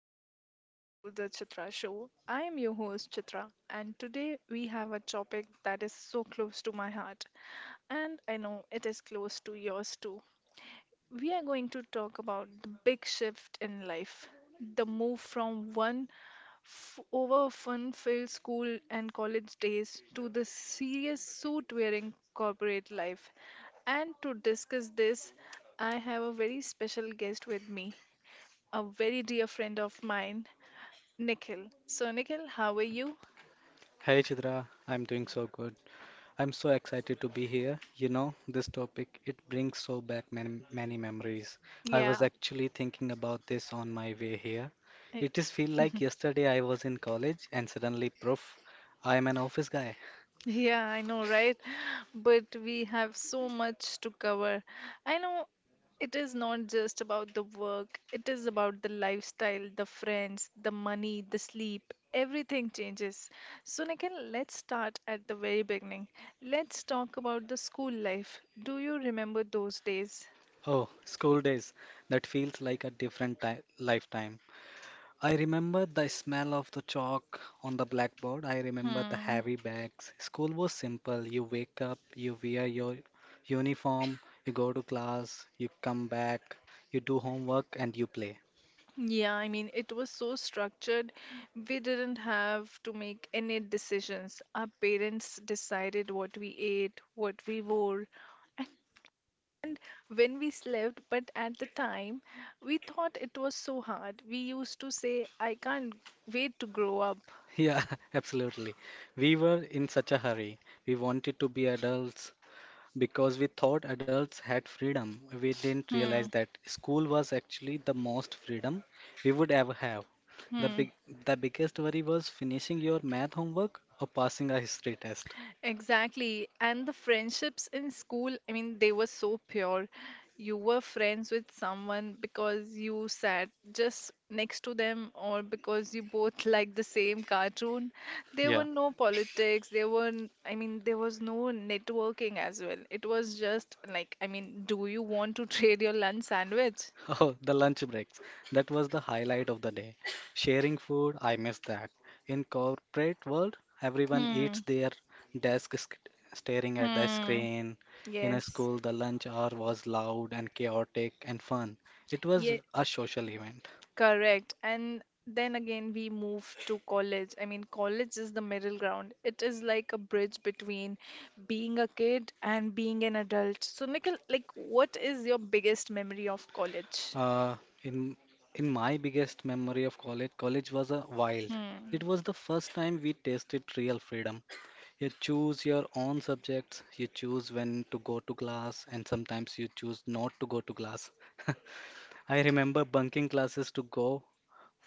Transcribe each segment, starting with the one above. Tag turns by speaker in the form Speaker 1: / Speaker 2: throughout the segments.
Speaker 1: warm welcome to the Chitra Show. I am your host, Chitra, and today we have a topic that is so close to my heart, and I know it is close to yours too. We are going to talk about the big shift in life, the move from one over fun-filled school and college days to the serious suit-wearing corporate life. And to discuss this, I have a very special guest with me, a very dear friend of mine, Nikhil. So, Nikhil, how are you?
Speaker 2: Hey Chidra, I'm doing so good. I'm so excited to be here. This topic, it brings so back many, many memories. I was
Speaker 1: Yeah.
Speaker 2: actually thinking about this on my way here.
Speaker 1: I-
Speaker 2: It is feel like yesterday I was in college and suddenly proof, I am an office guy.
Speaker 1: Yeah, I know, right? But we have so much to cover. I know it is not just about the work, it is about the lifestyle, the friends, the money, the sleep. Everything changes. So, Nikhil, let's start at the very beginning. Let's talk about the school life. Do you remember those days?
Speaker 2: Oh, school days. That feels like a different ti lifetime. I remember the smell of the chalk on the blackboard. I remember the
Speaker 1: Hmm.
Speaker 2: heavy bags. School was simple. You wake up, you wear your uniform, you go to class, you come back, you do homework, and you play.
Speaker 1: Yeah, I mean, it was so structured. We didn't have to make any decisions. Our parents decided what we ate, what we wore, and when we slept. But at the time, we thought it was so hard. We used to say, I can't wait to grow up.
Speaker 2: Yeah, absolutely. We were in such a hurry. We wanted to be adults. Because we thought adults had freedom, we didn't realize
Speaker 1: Hmm.
Speaker 2: that school was actually the most freedom we would ever have. The
Speaker 1: Hmm.
Speaker 2: big, the biggest worry was finishing your math homework or passing a history test.
Speaker 1: Exactly. And the friendships in school, I mean, they were so pure. You were friends with someone because you sat just next to them or because you both liked the same cartoon. There
Speaker 2: Yeah.
Speaker 1: were no politics. I mean, there was no networking as well. It was just like, I mean, do you want to trade your lunch sandwich?
Speaker 2: Oh, the lunch breaks. That was the highlight of the day. Sharing food, I miss that. In corporate world, everyone eats
Speaker 1: Hmm.
Speaker 2: their desk sc- staring at the
Speaker 1: Hmm.
Speaker 2: screen. In a
Speaker 1: Yes.
Speaker 2: school, the lunch hour was loud and chaotic and fun. It was
Speaker 1: Yeah.
Speaker 2: a social event.
Speaker 1: Correct. And then again, we move to college. I mean, college is the middle ground. It is like a bridge between being a kid and being an adult. So, Nikhil, like, what is your biggest memory of college?
Speaker 2: Uh, in in my biggest memory of college, college was a wild. It
Speaker 1: Hmm.
Speaker 2: was the first time we tasted real freedom. You choose your own subjects, you choose when to go to class, and sometimes you choose not to go to class. I remember bunking classes to go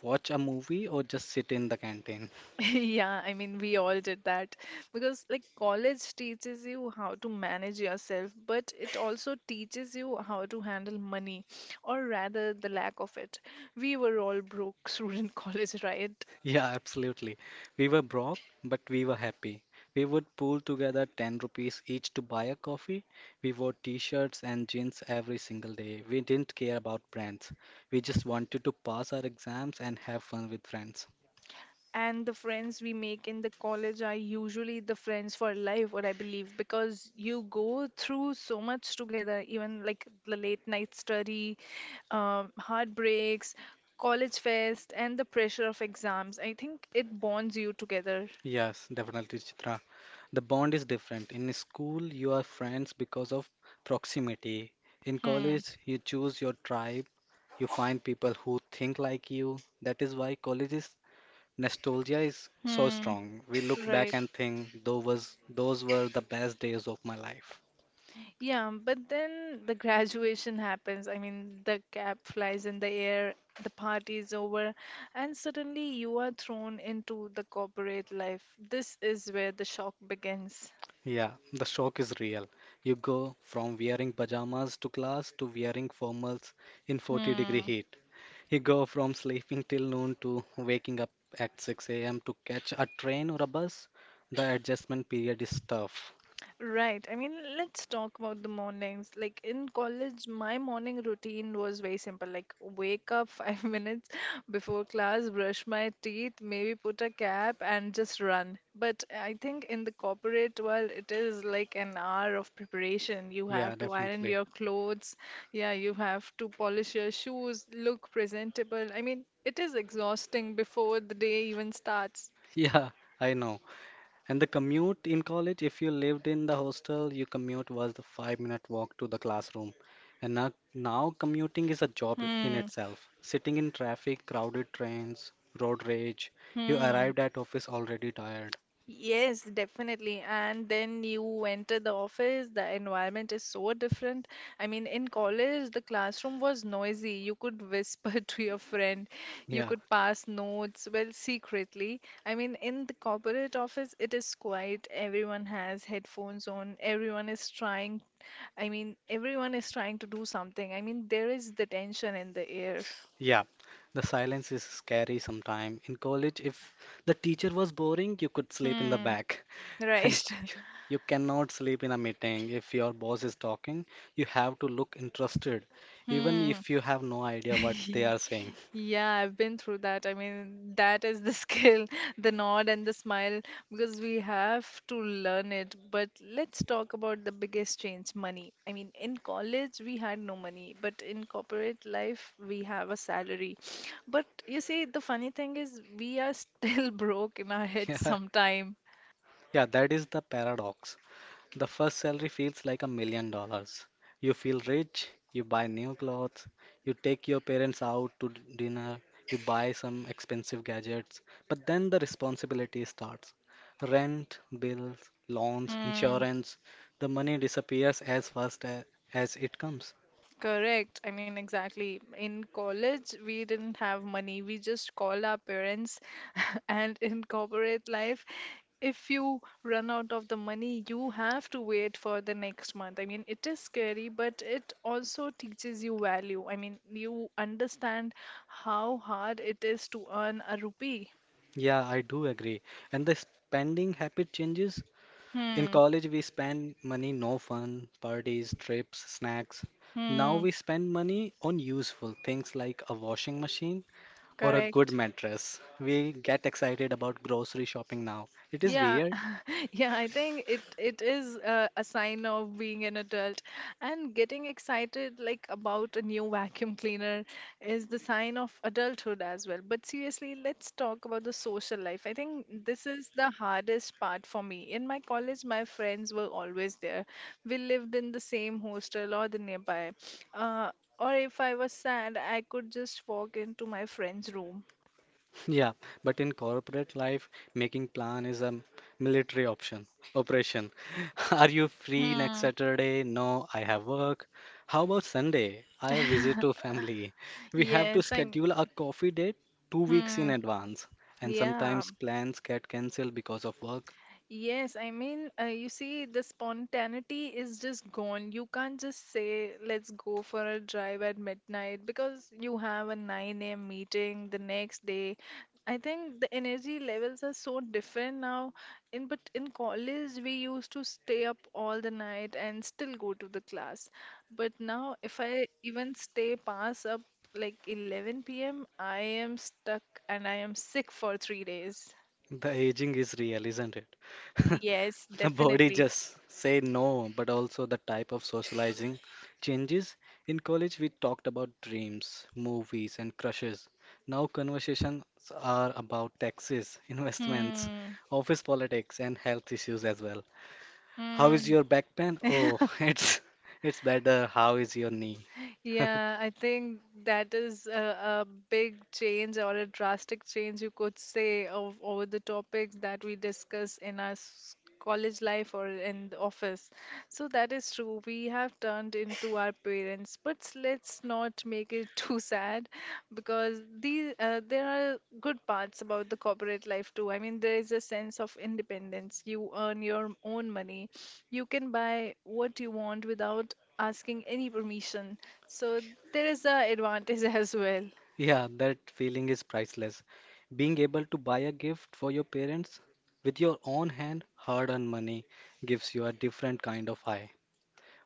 Speaker 2: watch a movie or just sit in the canteen.
Speaker 1: Yeah, I mean, we all did that because, like, college teaches you how to manage yourself, but it also teaches you how to handle money, or rather, the lack of it. We were all broke through in college, right?
Speaker 2: Yeah, absolutely. We were broke, but we were happy. We would pool together 10 rupees each to buy a coffee. We wore t-shirts and jeans every single day. We didn't care about brands. We just wanted to pass our exams and have fun with friends.
Speaker 1: And the friends we make in the college are usually the friends for life, what I believe, because you go through so much together, even like the late night study, heartbreaks, college fest, and the pressure of exams. I think it bonds you together.
Speaker 2: Yes, definitely, Chitra. The bond is different. In school, you are friends because of proximity. In
Speaker 1: Hmm.
Speaker 2: college, you choose your tribe. You find people who think like you. That is why college is nostalgia is so
Speaker 1: Hmm.
Speaker 2: strong. We look back
Speaker 1: Right.
Speaker 2: and think, those were the best days of my life.
Speaker 1: Yeah, but then the graduation happens. I mean, the cap flies in the air, the party is over, and suddenly you are thrown into the corporate life. This is where the shock begins.
Speaker 2: Yeah, the shock is real. You go from wearing pajamas to class to wearing formals in 40-degree
Speaker 1: Hmm.
Speaker 2: heat. You go from sleeping till noon to waking up at 6 a.m. to catch a train or a bus. The adjustment period is tough.
Speaker 1: Right. I mean, let's talk about the mornings. Like in college, my morning routine was very simple. Like wake up five minutes before class, brush my teeth, maybe put a cap and just run. But I think in the corporate world, it is like an hour of preparation. You
Speaker 2: Yeah,
Speaker 1: have to iron
Speaker 2: definitely.
Speaker 1: your clothes. Yeah, you have to polish your shoes, look presentable. I mean, it is exhausting before the day even starts.
Speaker 2: Yeah, I know. And the commute in college, if you lived in the hostel, your commute was the 5 minute walk to the classroom. And now commuting is a job in
Speaker 1: Hmm.
Speaker 2: itself. Sitting in traffic, crowded trains, road rage, you
Speaker 1: Hmm.
Speaker 2: arrived at office already tired.
Speaker 1: Yes, definitely. And then you enter the office, the environment is so different. I mean, in college, the classroom was noisy. You could whisper to your friend, you
Speaker 2: Yeah,
Speaker 1: could pass notes, well, secretly. I mean, in the corporate office, it is quiet. Everyone has headphones on, I mean, everyone is trying to do something. I mean, there is the tension in the air.
Speaker 2: yeah. The silence is scary sometimes. In college, if the teacher was boring, you could sleep in the
Speaker 1: Hmm,
Speaker 2: back. And
Speaker 1: right.
Speaker 2: you cannot sleep in a meeting if your boss is talking. You have to look interested, even
Speaker 1: Hmm.
Speaker 2: if you have no idea what they are saying.
Speaker 1: Yeah, I've been through that. I mean, that is the skill, the nod and the smile, because we have to learn it. But let's talk about the biggest change, money. I mean, in college, we had no money, but in corporate life, we have a salary. But you see, the funny thing is, we are still broke in our heads
Speaker 2: Yeah,
Speaker 1: sometime.
Speaker 2: yeah, that is the paradox. The first salary feels like $1 million. You feel rich, you buy new clothes, you take your parents out to dinner, you buy some expensive gadgets, but then the responsibility starts. Rent, bills, loans,
Speaker 1: Hmm.
Speaker 2: insurance, the money disappears as it comes.
Speaker 1: Correct. I mean, exactly. In college, we didn't have money. We just call our parents. And in corporate life, if you run out of the money, you have to wait for the next month. I mean, it is scary, but it also teaches you value. I mean, you understand how hard it is to earn a rupee.
Speaker 2: Yeah, I do agree. And the spending habit changes. In
Speaker 1: Hmm.
Speaker 2: college, we spend money no fun, parties, trips, snacks. Now
Speaker 1: Hmm.
Speaker 2: we spend money on useful things like a washing machine or a good
Speaker 1: Correct.
Speaker 2: mattress. We get excited about grocery shopping now. It is
Speaker 1: Yeah,
Speaker 2: weird.
Speaker 1: yeah, I think it is a sign of being an adult, and getting excited like about a new vacuum cleaner is the sign of adulthood as well. But seriously, let's talk about the social life. I think this is the hardest part for me. In my college, my friends were always there. We lived in the same hostel or the nearby. Uh, or if I was sad, I could just walk into my friend's room.
Speaker 2: Yeah, but in corporate life, making plan is a military option operation. Are you free next
Speaker 1: Hmm.
Speaker 2: Saturday? No, I have work. How about Sunday? I have visit to family. We have to
Speaker 1: Yes, I'm.
Speaker 2: schedule a coffee date 2 weeks
Speaker 1: Hmm.
Speaker 2: in advance, and
Speaker 1: Yeah,
Speaker 2: sometimes plans get cancelled because of work.
Speaker 1: yes. I mean, you see, the spontaneity is just gone. You can't just say, let's go for a drive at midnight because you have a 9 a.m. meeting the next day. I think the energy levels are so different now. In college, we used to stay up all the night and still go to the class. But now, if I even stay past up like 11 p.m., I am stuck and I am sick for 3 days.
Speaker 2: The aging is real, isn't it?
Speaker 1: Yes,
Speaker 2: The body
Speaker 1: definitely.
Speaker 2: just say no, but also the type of socializing changes. In college, we talked about dreams, movies, and crushes. Now conversations are about taxes, investments,
Speaker 1: Hmm.
Speaker 2: office politics, and health issues as well. How is
Speaker 1: Hmm.
Speaker 2: your back pain? Oh, it's better. How is your knee?
Speaker 1: Yeah, I think that is a big change or a drastic change, you could say, of over the topics that we discuss in our college life or in the office. So that is true. We have turned into our parents, but let's not make it too sad because these there are good parts about the corporate life too. I mean, there is a sense of independence. You earn your own money. You can buy what you want without asking any permission. So there is a advantage as well.
Speaker 2: Yeah, that feeling is priceless. Being able to buy a gift for your parents with your own hard-earned money gives you a different kind of high.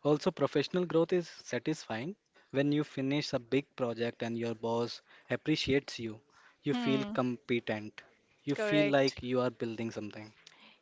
Speaker 2: Also, professional growth is satisfying. When you finish a big project and your boss appreciates you, you feel
Speaker 1: Hmm,
Speaker 2: competent. You feel
Speaker 1: correct.
Speaker 2: like you are building something.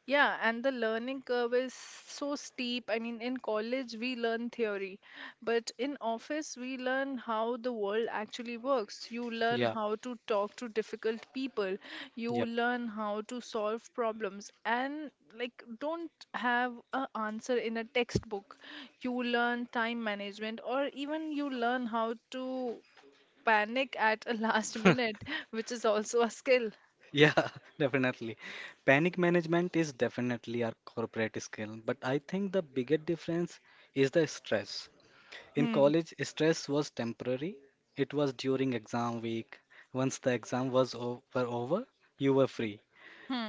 Speaker 1: Yeah, and the learning curve is so steep. I mean, in college we learn theory, but in office we learn how the world actually works. You
Speaker 2: Yeah,
Speaker 1: learn how to talk to difficult people.
Speaker 2: yep.
Speaker 1: You learn how to solve problems and like don't have a answer in a textbook. You learn time management or even you learn how to panic at a last minute, which is also a skill.
Speaker 2: Yeah, definitely. Panic management is definitely a corporate skill, but I think the bigger difference is the stress. In
Speaker 1: Hmm.
Speaker 2: college, stress was temporary. It was during exam week. Once the were over, you were free.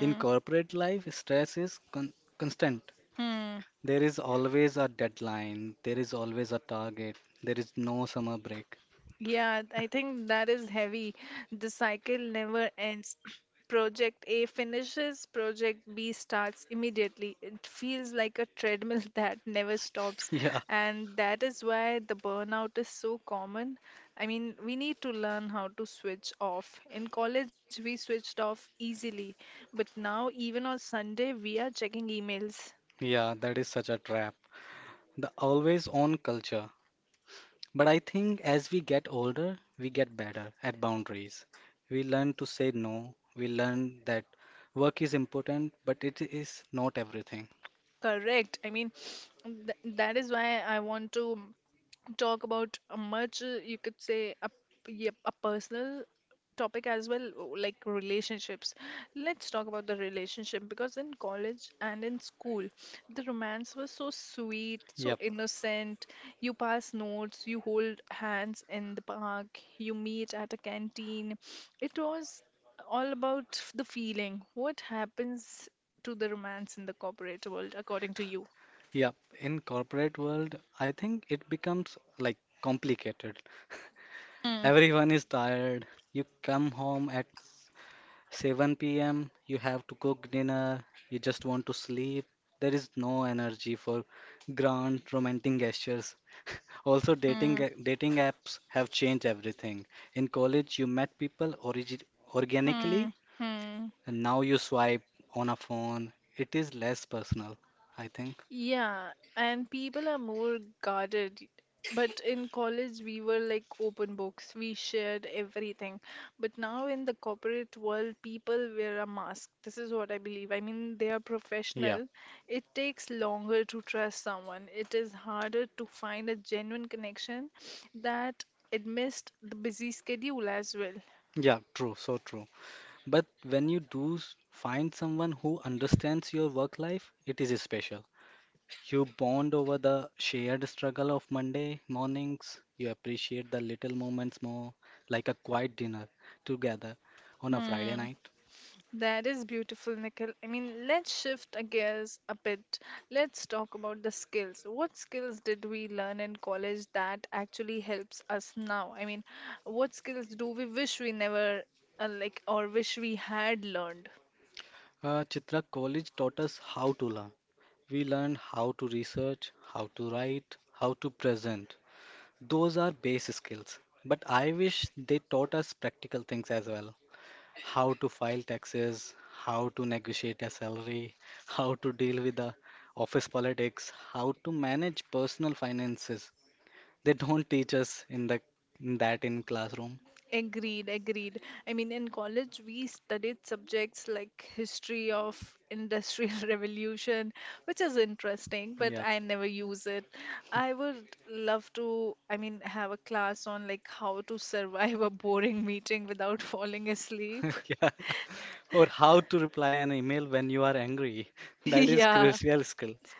Speaker 2: In corporate life, stress is constant.
Speaker 1: Hmm.
Speaker 2: There is always a deadline, there is always a target, there is no summer break.
Speaker 1: Yeah, I think that is heavy. The cycle never ends. Project A finishes, Project B starts immediately. It feels like a treadmill that never stops.
Speaker 2: Yeah,
Speaker 1: And that is why the burnout is so common. I mean, we need to learn how to switch off. In college, we switched off easily, but now, even on Sunday, we are checking emails.
Speaker 2: yeah, that is such a trap. The always on culture. But I think as we get older, we get better at boundaries. We learn to say no. We learn that work is important, but it is not everything.
Speaker 1: Correct. I mean, th that is why I want to talk about a much, you could say, a personal topic as well, like relationships. Let's talk about the relationship because in college and in school, the romance was so sweet, so
Speaker 2: Yep,
Speaker 1: innocent. You pass notes, you hold hands in the park, you meet at a canteen. It was all about the feeling. What happens to the romance in the corporate world, according to you?
Speaker 2: yep. In corporate world, I think it becomes like complicated.
Speaker 1: Hmm,
Speaker 2: Everyone is tired. You come home at 7 p.m. You have to cook dinner. You just want to sleep. There is no energy for grand romantic gestures. Also,
Speaker 1: hmm,
Speaker 2: dating apps have changed everything. In college, you met people origi organically,
Speaker 1: hmm, hmm.
Speaker 2: and now you swipe on a phone. It is less personal, I think.
Speaker 1: Yeah, and people are more guarded. But in college, we were like open books. We shared everything. But now in the corporate world, people wear a mask. This is what I believe. I mean, they are
Speaker 2: Yeah,
Speaker 1: professional. It takes longer to trust someone. It is harder to find a genuine connection that amidst the busy schedule as well.
Speaker 2: yeah, true, so true. But when you find someone who understands your work life, it is special. You bond over the shared struggle of Monday mornings. You appreciate the little moments more, like a quiet dinner together on a Friday
Speaker 1: Hmm.
Speaker 2: night.
Speaker 1: That is beautiful, Nikhil. I mean, let's shift gears a bit. Let's talk about the skills. What skills did we learn in college that actually helps us now? I mean, what skills do we wish we never like or wish we had learned?
Speaker 2: Chitra, college taught us how to learn. We learned how to research, how to write, how to present. Those are base skills. But I wish they taught us practical things as well. How to file taxes, how to negotiate a salary, how to deal with the office politics, how to manage personal finances. They don't teach us in that in classroom.
Speaker 1: Agreed, agreed. I mean, in college, we studied subjects like history of industrial revolution, which is interesting, but
Speaker 2: Yeah.
Speaker 1: I never use it. I would love to, I mean, have a class on like how to survive a boring meeting without falling asleep.
Speaker 2: Yeah. Or how to reply an email when you are angry. That is
Speaker 1: Yeah.
Speaker 2: crucial skills.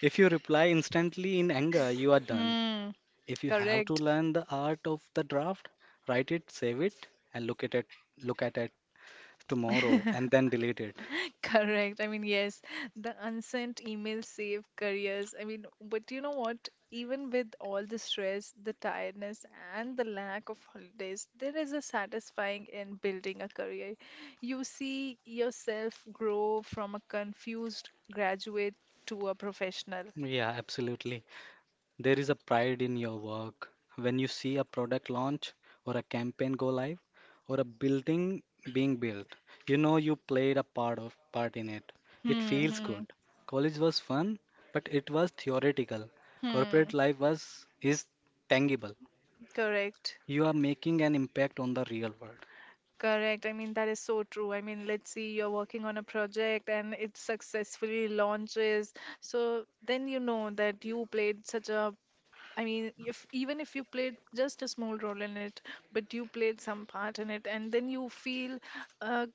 Speaker 2: If you reply instantly in anger, you are done.
Speaker 1: Hmm.
Speaker 2: If you have to
Speaker 1: Correct.
Speaker 2: learn the art of the draft, write it, save it, and look at it tomorrow and then delete it.
Speaker 1: Correct. I mean, yes, the unsent emails save careers. I mean, but you know what? Even with all the stress, the tiredness, and the lack of holidays, there is a satisfying in building a career. You see yourself grow from a confused graduate to a professional.
Speaker 2: Yeah, absolutely. There is a pride in your work when you see a product launch or a campaign go live or a building being built. You know you played a part in it. It
Speaker 1: Hmm,
Speaker 2: feels
Speaker 1: hmm,
Speaker 2: good. College was fun, but it was theoretical.
Speaker 1: hmm.
Speaker 2: Corporate life was is tangible.
Speaker 1: Correct.
Speaker 2: You are making an impact on the real world.
Speaker 1: Correct. I mean, that is so true. I mean, let's see, you're working on a project and it successfully launches. So then you know that you played I mean, if even if you played just a small role in it, but you played some part in it, and then you feel uh,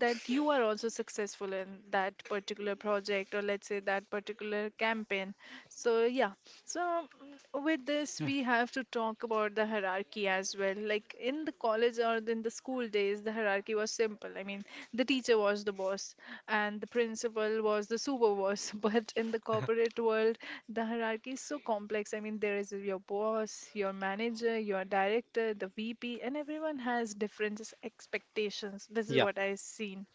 Speaker 1: that you are also successful in that particular project, or let's say that particular campaign, so yeah. With this
Speaker 2: Yeah.
Speaker 1: we have to talk about the hierarchy as well. Like in the college or in the school days, the hierarchy was simple. I mean, the teacher was the boss and the principal was the super boss, but in the corporate world the hierarchy is so complex. I mean, there is your boss, your manager, your director, the VP, and everyone has different expectations. This is
Speaker 2: Yeah.
Speaker 1: what I've seen.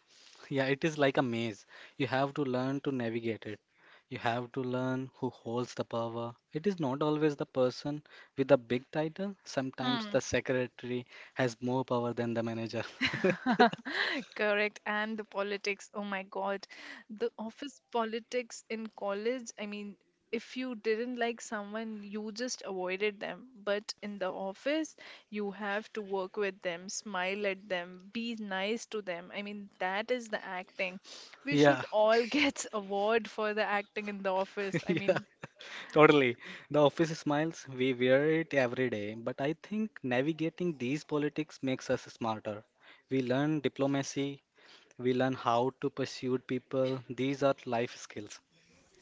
Speaker 2: Yeah, it is like a maze. You have to learn to navigate it. You have to learn who holds the power. It is not always the person with the big title. Sometimes
Speaker 1: hmm.
Speaker 2: the secretary has more power than the manager.
Speaker 1: Correct. And the politics, oh my God. The office politics in college, I mean, if you didn't like someone, you just avoided them. But in the office, you have to work with them, smile at them, be nice to them. I mean, that is the acting. We
Speaker 2: Yeah,
Speaker 1: should all get award for the acting in the office. I
Speaker 2: yeah,
Speaker 1: mean,
Speaker 2: totally. The office smiles, we wear it every day, but I think navigating these politics makes us smarter. We learn diplomacy, we learn how to pursue people. These are life skills.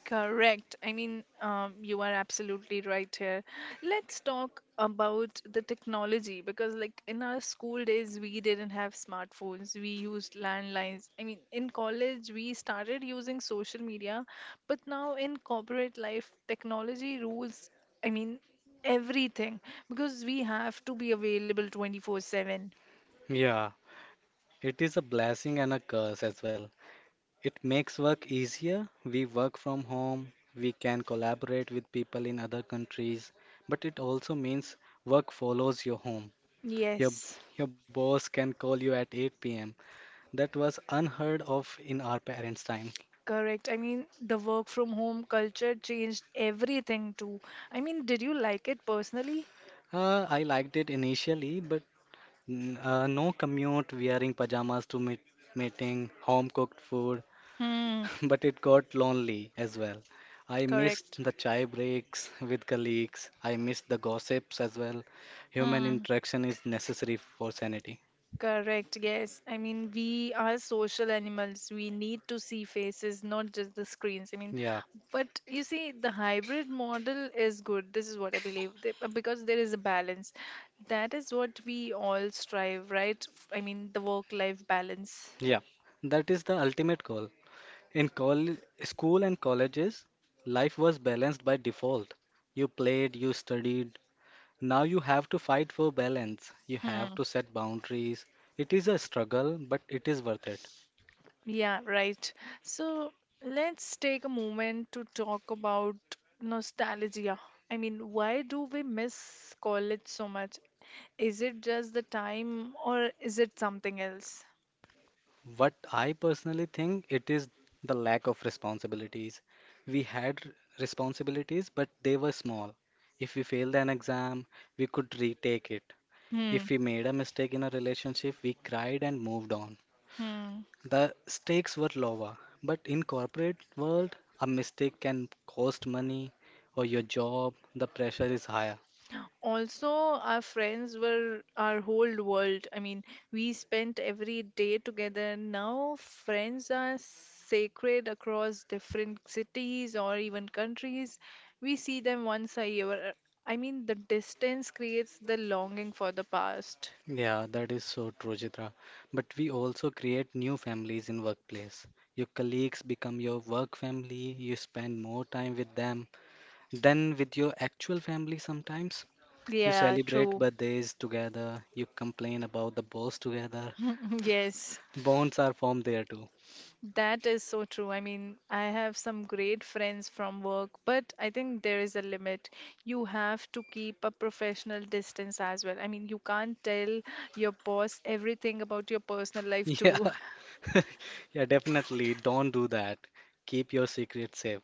Speaker 1: correct. I mean, you are absolutely right here. Let's talk about the technology because, like, in our school days, we didn't have smartphones. We used landlines. I mean, in college, we started using social media, but now in corporate life, technology rules, I mean, everything, because we have to be available 24/7.
Speaker 2: Yeah, it is a blessing and a curse as well. It makes work easier. We work from home, we can collaborate with people in other countries, but it also means work follows your home. Your,
Speaker 1: Yes.
Speaker 2: your boss can call you at 8 pm. That was unheard of in our parents' time.
Speaker 1: Correct. I mean, the work from home culture changed everything too. I mean, did you like it personally?
Speaker 2: I liked it initially, but no commute, wearing pajamas to meeting, home cooked food.
Speaker 1: Hmm,
Speaker 2: But it got lonely as well. I missed
Speaker 1: correct.
Speaker 2: the chai breaks with colleagues. I missed the gossips as well. Human
Speaker 1: Hmm,
Speaker 2: interaction is necessary for sanity.
Speaker 1: correct. Yes. I mean, we are social animals. We need to see faces, not just the screens. I mean,
Speaker 2: Yeah,
Speaker 1: but you see, the hybrid model is good. This is what I believe, because there is a balance. That is what we all strive, right? I mean, the work-life balance.
Speaker 2: yeah. That is the ultimate goal. In school and colleges, life was balanced by default. You played, you studied. Now you have to fight for balance. You have
Speaker 1: Hmm.
Speaker 2: to set boundaries. It is a struggle, but it is worth it.
Speaker 1: Yeah, right. So let's take a moment to talk about nostalgia. I mean, why do we miss college so much? Is it just the time or is it something else?
Speaker 2: What I personally think it is the lack of responsibilities. We had responsibilities, but they were small. If we failed an exam, we could retake it.
Speaker 1: Hmm.
Speaker 2: If we made a mistake in a relationship, we cried and moved on.
Speaker 1: Hmm.
Speaker 2: The stakes were lower, but in corporate world, a mistake can cost money or your job, the pressure is higher.
Speaker 1: Also, our friends were our whole world. I mean, we spent every day together. Now, friends are sacred across different cities or even countries. We see them once a year. I mean, the distance creates the longing for the past.
Speaker 2: Yeah, that is so true, Chitra. But we also create new families in workplace. Your colleagues become your work family, you spend more time with them than with your actual family sometimes. You
Speaker 1: Yeah,
Speaker 2: celebrate
Speaker 1: true.
Speaker 2: birthdays together, you complain about the boss together.
Speaker 1: Yes.
Speaker 2: Bonds are formed there too.
Speaker 1: That is so true. I mean, I have some great friends from work, but I think there is a limit. You have to keep a professional distance as well. I mean, you can't tell your boss everything about your personal life
Speaker 2: Yeah.
Speaker 1: too.
Speaker 2: Yeah, definitely. Don't do that. Keep your secret safe.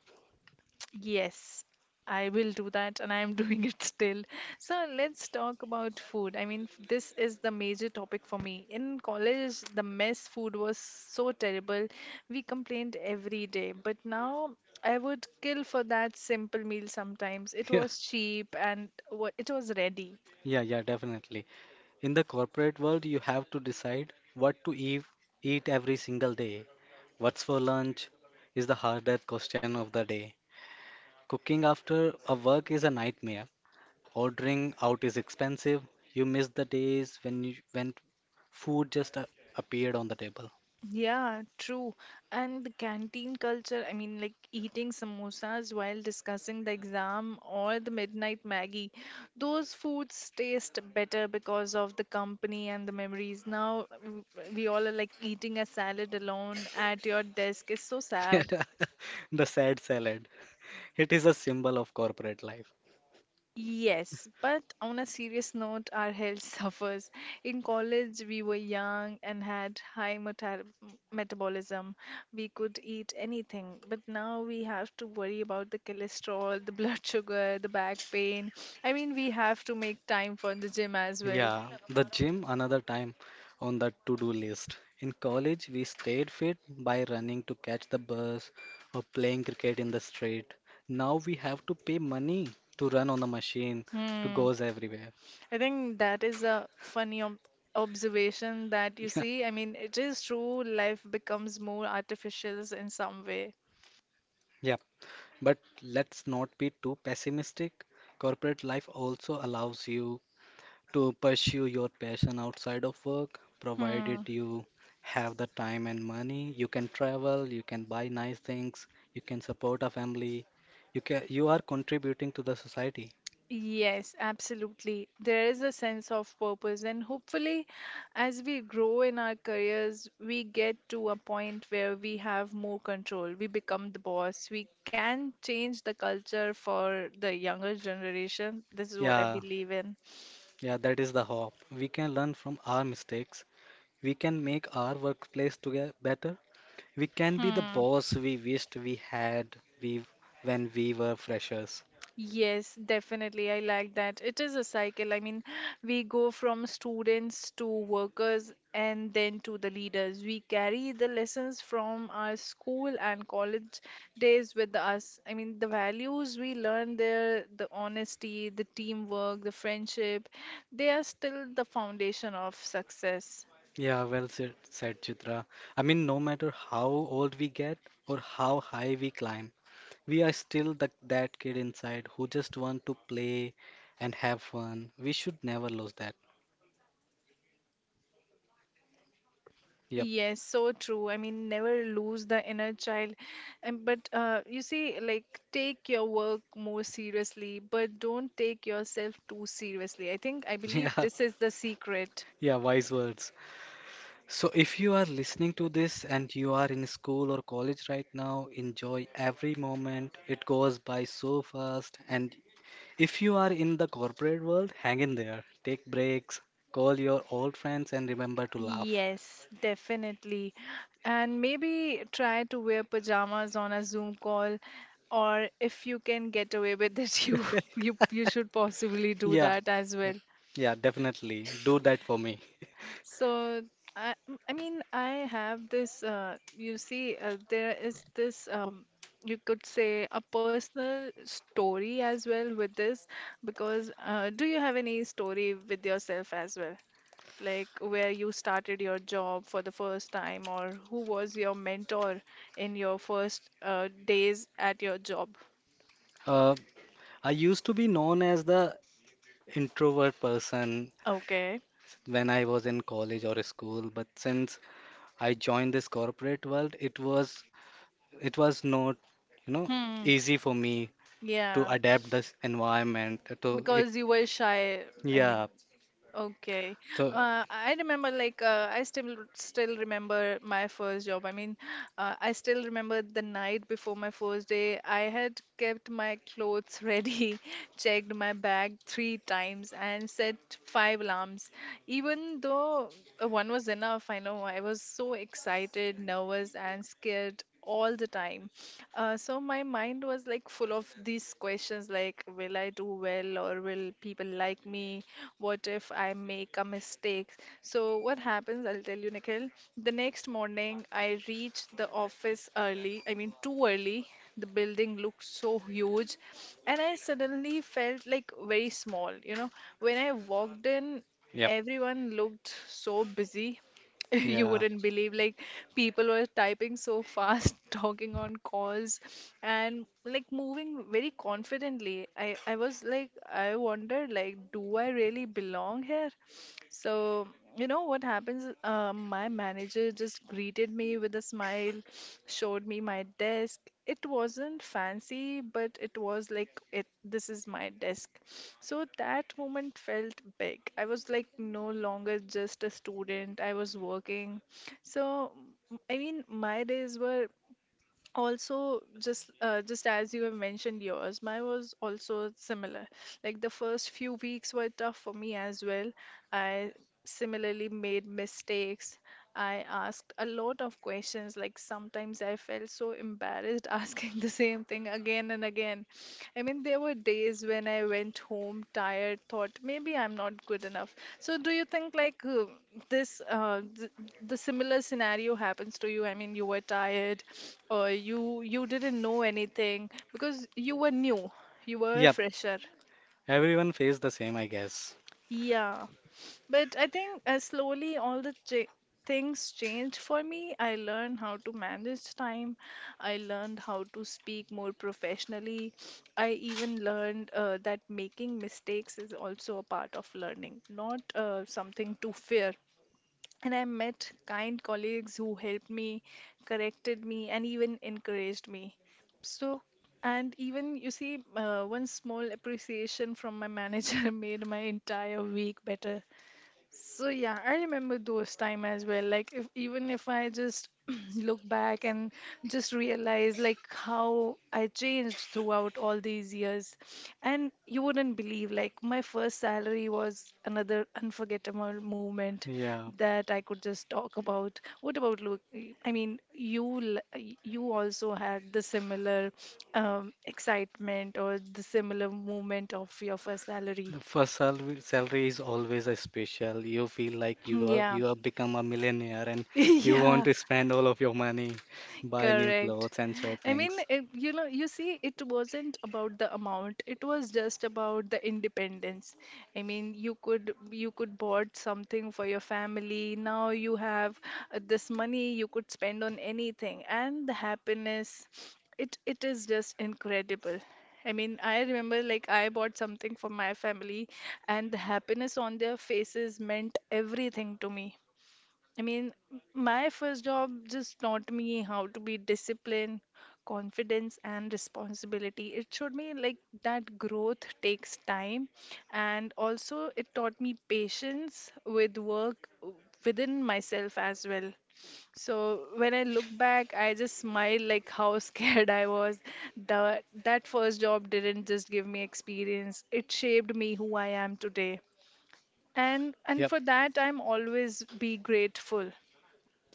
Speaker 1: Yes, I will do that, and I am doing it still. So let's talk about food. I mean, this is the major topic for me. In college, the mess food was so terrible. We complained every day, but now I would kill for that simple meal sometimes. It
Speaker 2: Yeah,
Speaker 1: was cheap and it was ready.
Speaker 2: yeah, definitely. In the corporate world, you have to decide what to eat every single day. What's for lunch is the hardest question of the day. Cooking after a work is a nightmare. Ordering out is expensive. You miss the days when food appeared on the table.
Speaker 1: Yeah, true. And the canteen culture, I mean, like eating samosas while discussing the exam or the midnight Maggie, those foods taste better because of the company and the memories. Now we all are like, eating a salad alone at your desk is so sad.
Speaker 2: The sad salad. It is a symbol of corporate life.
Speaker 1: Yes, but on a serious note, our health suffers. In college, we were young and had metabolism. We could eat anything, but now we have to worry about the cholesterol, the blood sugar, the back pain. I mean, we have to make time for the gym as well.
Speaker 2: Yeah, the gym another time on the to-do list. In college, we stayed fit by running to catch the bus or playing cricket in the street. Now we have to pay money to run on the machine to
Speaker 1: Hmm.
Speaker 2: goes everywhere.
Speaker 1: I think that is a funny ob observation that you see.
Speaker 2: Yeah,
Speaker 1: I mean, it is true, life becomes more artificial in some way.
Speaker 2: yeah. But let's not be too pessimistic. Corporate life also allows you to pursue your passion outside of work, provided
Speaker 1: Hmm.
Speaker 2: you have the time and money. You can travel, you can buy nice things, you can support a family, you are contributing to the society.
Speaker 1: Yes, absolutely. There is a sense of purpose, and hopefully, as we grow in our careers, we get to a point where we have more control. We become the boss. We can change the culture for the younger generation. This is what I
Speaker 2: Yeah,
Speaker 1: believe in.
Speaker 2: yeah, that is the hope. We can learn from our mistakes. We can make our workplace together better. We can be the
Speaker 1: Hmm.
Speaker 2: boss we wished we had we when we were freshers.
Speaker 1: Yes, definitely. I like that. It is a cycle. I mean, we go from students to workers and then to the leaders. We carry the lessons from our school and college days with us. I mean, the values we learn there, the honesty, the teamwork, the friendship, they are still the foundation of success.
Speaker 2: Yeah, well said, Chitra. I mean, no matter how old we get or how high we climb, we are still that kid inside who just want to play and have fun. We should never lose that. Yep.
Speaker 1: Yes, so true. I mean, never lose the inner child. And but you see, like, take your work more seriously, but don't take yourself too seriously. I think I believe
Speaker 2: Yeah.
Speaker 1: this is the secret.
Speaker 2: Yeah, wise words. So if you are listening to this and you are in school or college right now, enjoy every moment. It goes by so fast. And if you are in the corporate world, hang in there. Take breaks, call your old friends, and remember to laugh.
Speaker 1: Yes, definitely. And maybe try to wear pajamas on a Zoom call, or if you can get away with it, you should possibly do
Speaker 2: Yeah,
Speaker 1: that as
Speaker 2: yep.
Speaker 1: well.
Speaker 2: Yeah, definitely. Do that for me.
Speaker 1: So I I have this, you see, there is this, you could say, a personal story as well with this because, do you have any story with yourself as well? Like where you started your job for the first time, or who was your mentor in your first days at your job?
Speaker 2: Uh, I used to be known as the introvert person
Speaker 1: Okay.
Speaker 2: when I was in college or school, but since I joined this corporate world, it was not, you know,
Speaker 1: Hmm.
Speaker 2: easy for me to
Speaker 1: Yeah.
Speaker 2: adapt this environment to it.
Speaker 1: Because you were shy. I mean,
Speaker 2: Yeah.
Speaker 1: okay.
Speaker 2: So,
Speaker 1: I remember, like, I still remember my first job. I mean, I still remember the night before my first day. I had kept my clothes ready, checked my bag three times, and set five alarms. Even though one was enough, I know I was so excited, nervous, and scared all the time. So my mind was like full of these questions, like, will I do well, or will people like me? What if I make a mistake? So what happens, I'll tell you, Nikhil. The next morning I reached the office early, I mean too early. The building looked so huge, and I suddenly felt like very small, you know. When I walked in,
Speaker 2: yep.
Speaker 1: everyone looked so busy. You
Speaker 2: Yeah.
Speaker 1: wouldn't believe, like, people were typing so fast, talking on calls, and like moving very confidently. I was like, I wondered, like, do I really belong here? So, you know what happens? My manager just greeted me with a smile, showed me my desk. It wasn't fancy, but it was like, it this is my desk. So that moment felt big. I was like no longer just a student. I was working. So, I mean, my days were also just as you have mentioned yours, mine was also similar. Like, the first few weeks were tough for me as well. I similarly made mistakes, I asked a lot of questions, like sometimes I felt so embarrassed asking the same thing again again. I mean, there were days when I went home tired, thought maybe I'm not good enough. So, do you think like this, th the similar scenario happens to you? I mean, you were tired, or you didn't know anything because you were new, you were a
Speaker 2: Yep.
Speaker 1: fresher.
Speaker 2: Everyone faced the same, I guess.
Speaker 1: Yeah. But I think slowly all the things changed for me. I learned how to manage time. I learned how to speak more professionally. I even learned that making mistakes is also a part of learning, not something to fear. And I met kind colleagues who helped me, corrected me, and even encouraged me. So, and even you see, one small appreciation from my manager made my entire week better. So yeah, I remember those time as well. Like, if even if I just look back and just realize like how I changed throughout all these years, and you wouldn't believe, like, my first salary was another unforgettable moment
Speaker 2: Yeah.
Speaker 1: that I could just talk about. What about look? I mean, you you also had the similar excitement or the similar moment of your first salary.
Speaker 2: The first salary is always a special. You feel like
Speaker 1: Yeah.
Speaker 2: you have become a millionaire, and you want
Speaker 1: Yeah,
Speaker 2: to spend all of your money, buy new
Speaker 1: correct.
Speaker 2: clothes and
Speaker 1: I mean,
Speaker 2: shoppings.
Speaker 1: it, you know, you see, it wasn't about the amount. It was just about the independence. I mean, you could bought something for your family. Now you have this money you could spend on anything, and the happiness, it is just incredible. I mean, I remember like I bought something for my family, and the happiness on their faces meant everything to me. I mean, my first job just taught me how to be disciplined, confidence, and responsibility. It showed me like that growth takes time, and also it taught me patience with within myself as well. So when I look back, I just smile like how scared I was. The that first job didn't just give me experience; it shaped me who I am today. And
Speaker 2: Yep.
Speaker 1: for that, I'm always be grateful.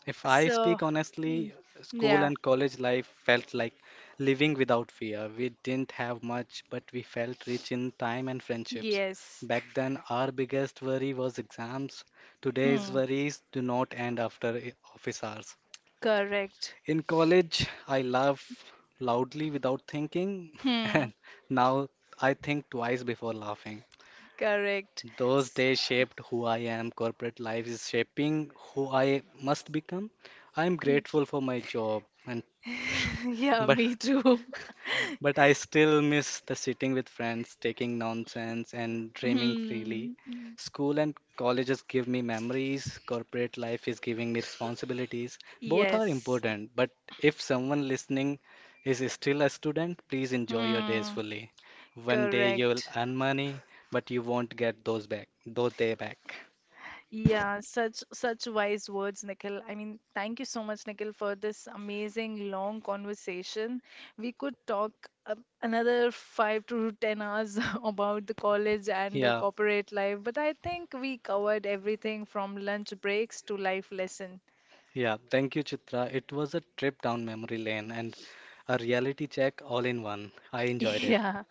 Speaker 2: If I
Speaker 1: So,
Speaker 2: speak
Speaker 1: y-
Speaker 2: honestly, school
Speaker 1: yeah,
Speaker 2: and college life felt like living without fear. We didn't have much, but we felt rich in time and friendships.
Speaker 1: yes.
Speaker 2: Back then, our biggest worry was exams. Today's
Speaker 1: Hmm,
Speaker 2: worries do not end after office hours.
Speaker 1: correct.
Speaker 2: In college, I laugh loudly without thinking,
Speaker 1: Hmm,
Speaker 2: and now I think twice before laughing.
Speaker 1: correct.
Speaker 2: Those
Speaker 1: S-
Speaker 2: days shaped who I am. Corporate life is shaping who I must become. I am
Speaker 1: y-
Speaker 2: grateful for my job, and tr-
Speaker 1: Yeah,
Speaker 2: but
Speaker 1: me too.
Speaker 2: I still miss the sitting with friends, taking nonsense, and dreaming freely.
Speaker 1: Hmm,
Speaker 2: School and colleges give me memories, corporate life is giving me responsibilities. Both are
Speaker 1: yes.
Speaker 2: important, but if someone listening is still a student, please enjoy your days
Speaker 1: Hmm,
Speaker 2: fully. One day you'll
Speaker 1: correct.
Speaker 2: earn money, but you won't get those back, those day back.
Speaker 1: Yeah, such wise words, Nikhil. I mean, thank you so much, Nikhil, for this amazing long conversation. We could talk uh, another 5 to 10 hours about the college and the
Speaker 2: Yeah,
Speaker 1: corporate life, but I think we covered everything from lunch breaks to life lesson.
Speaker 2: yeah. Thank you, Chitra. It was a trip down memory lane and a reality check all in one. I enjoyed it.
Speaker 1: Yeah,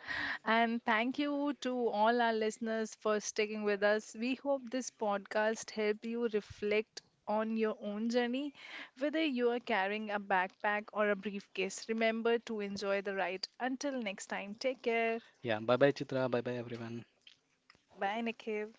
Speaker 1: and thank you to all our listeners for sticking with us. We hope this podcast helped you reflect on your own journey, whether you are carrying a backpack or a briefcase. Remember to enjoy the ride. Until next time, take care.
Speaker 2: Yeah, bye bye Chitra, bye bye everyone.
Speaker 1: Bye, Nikhil.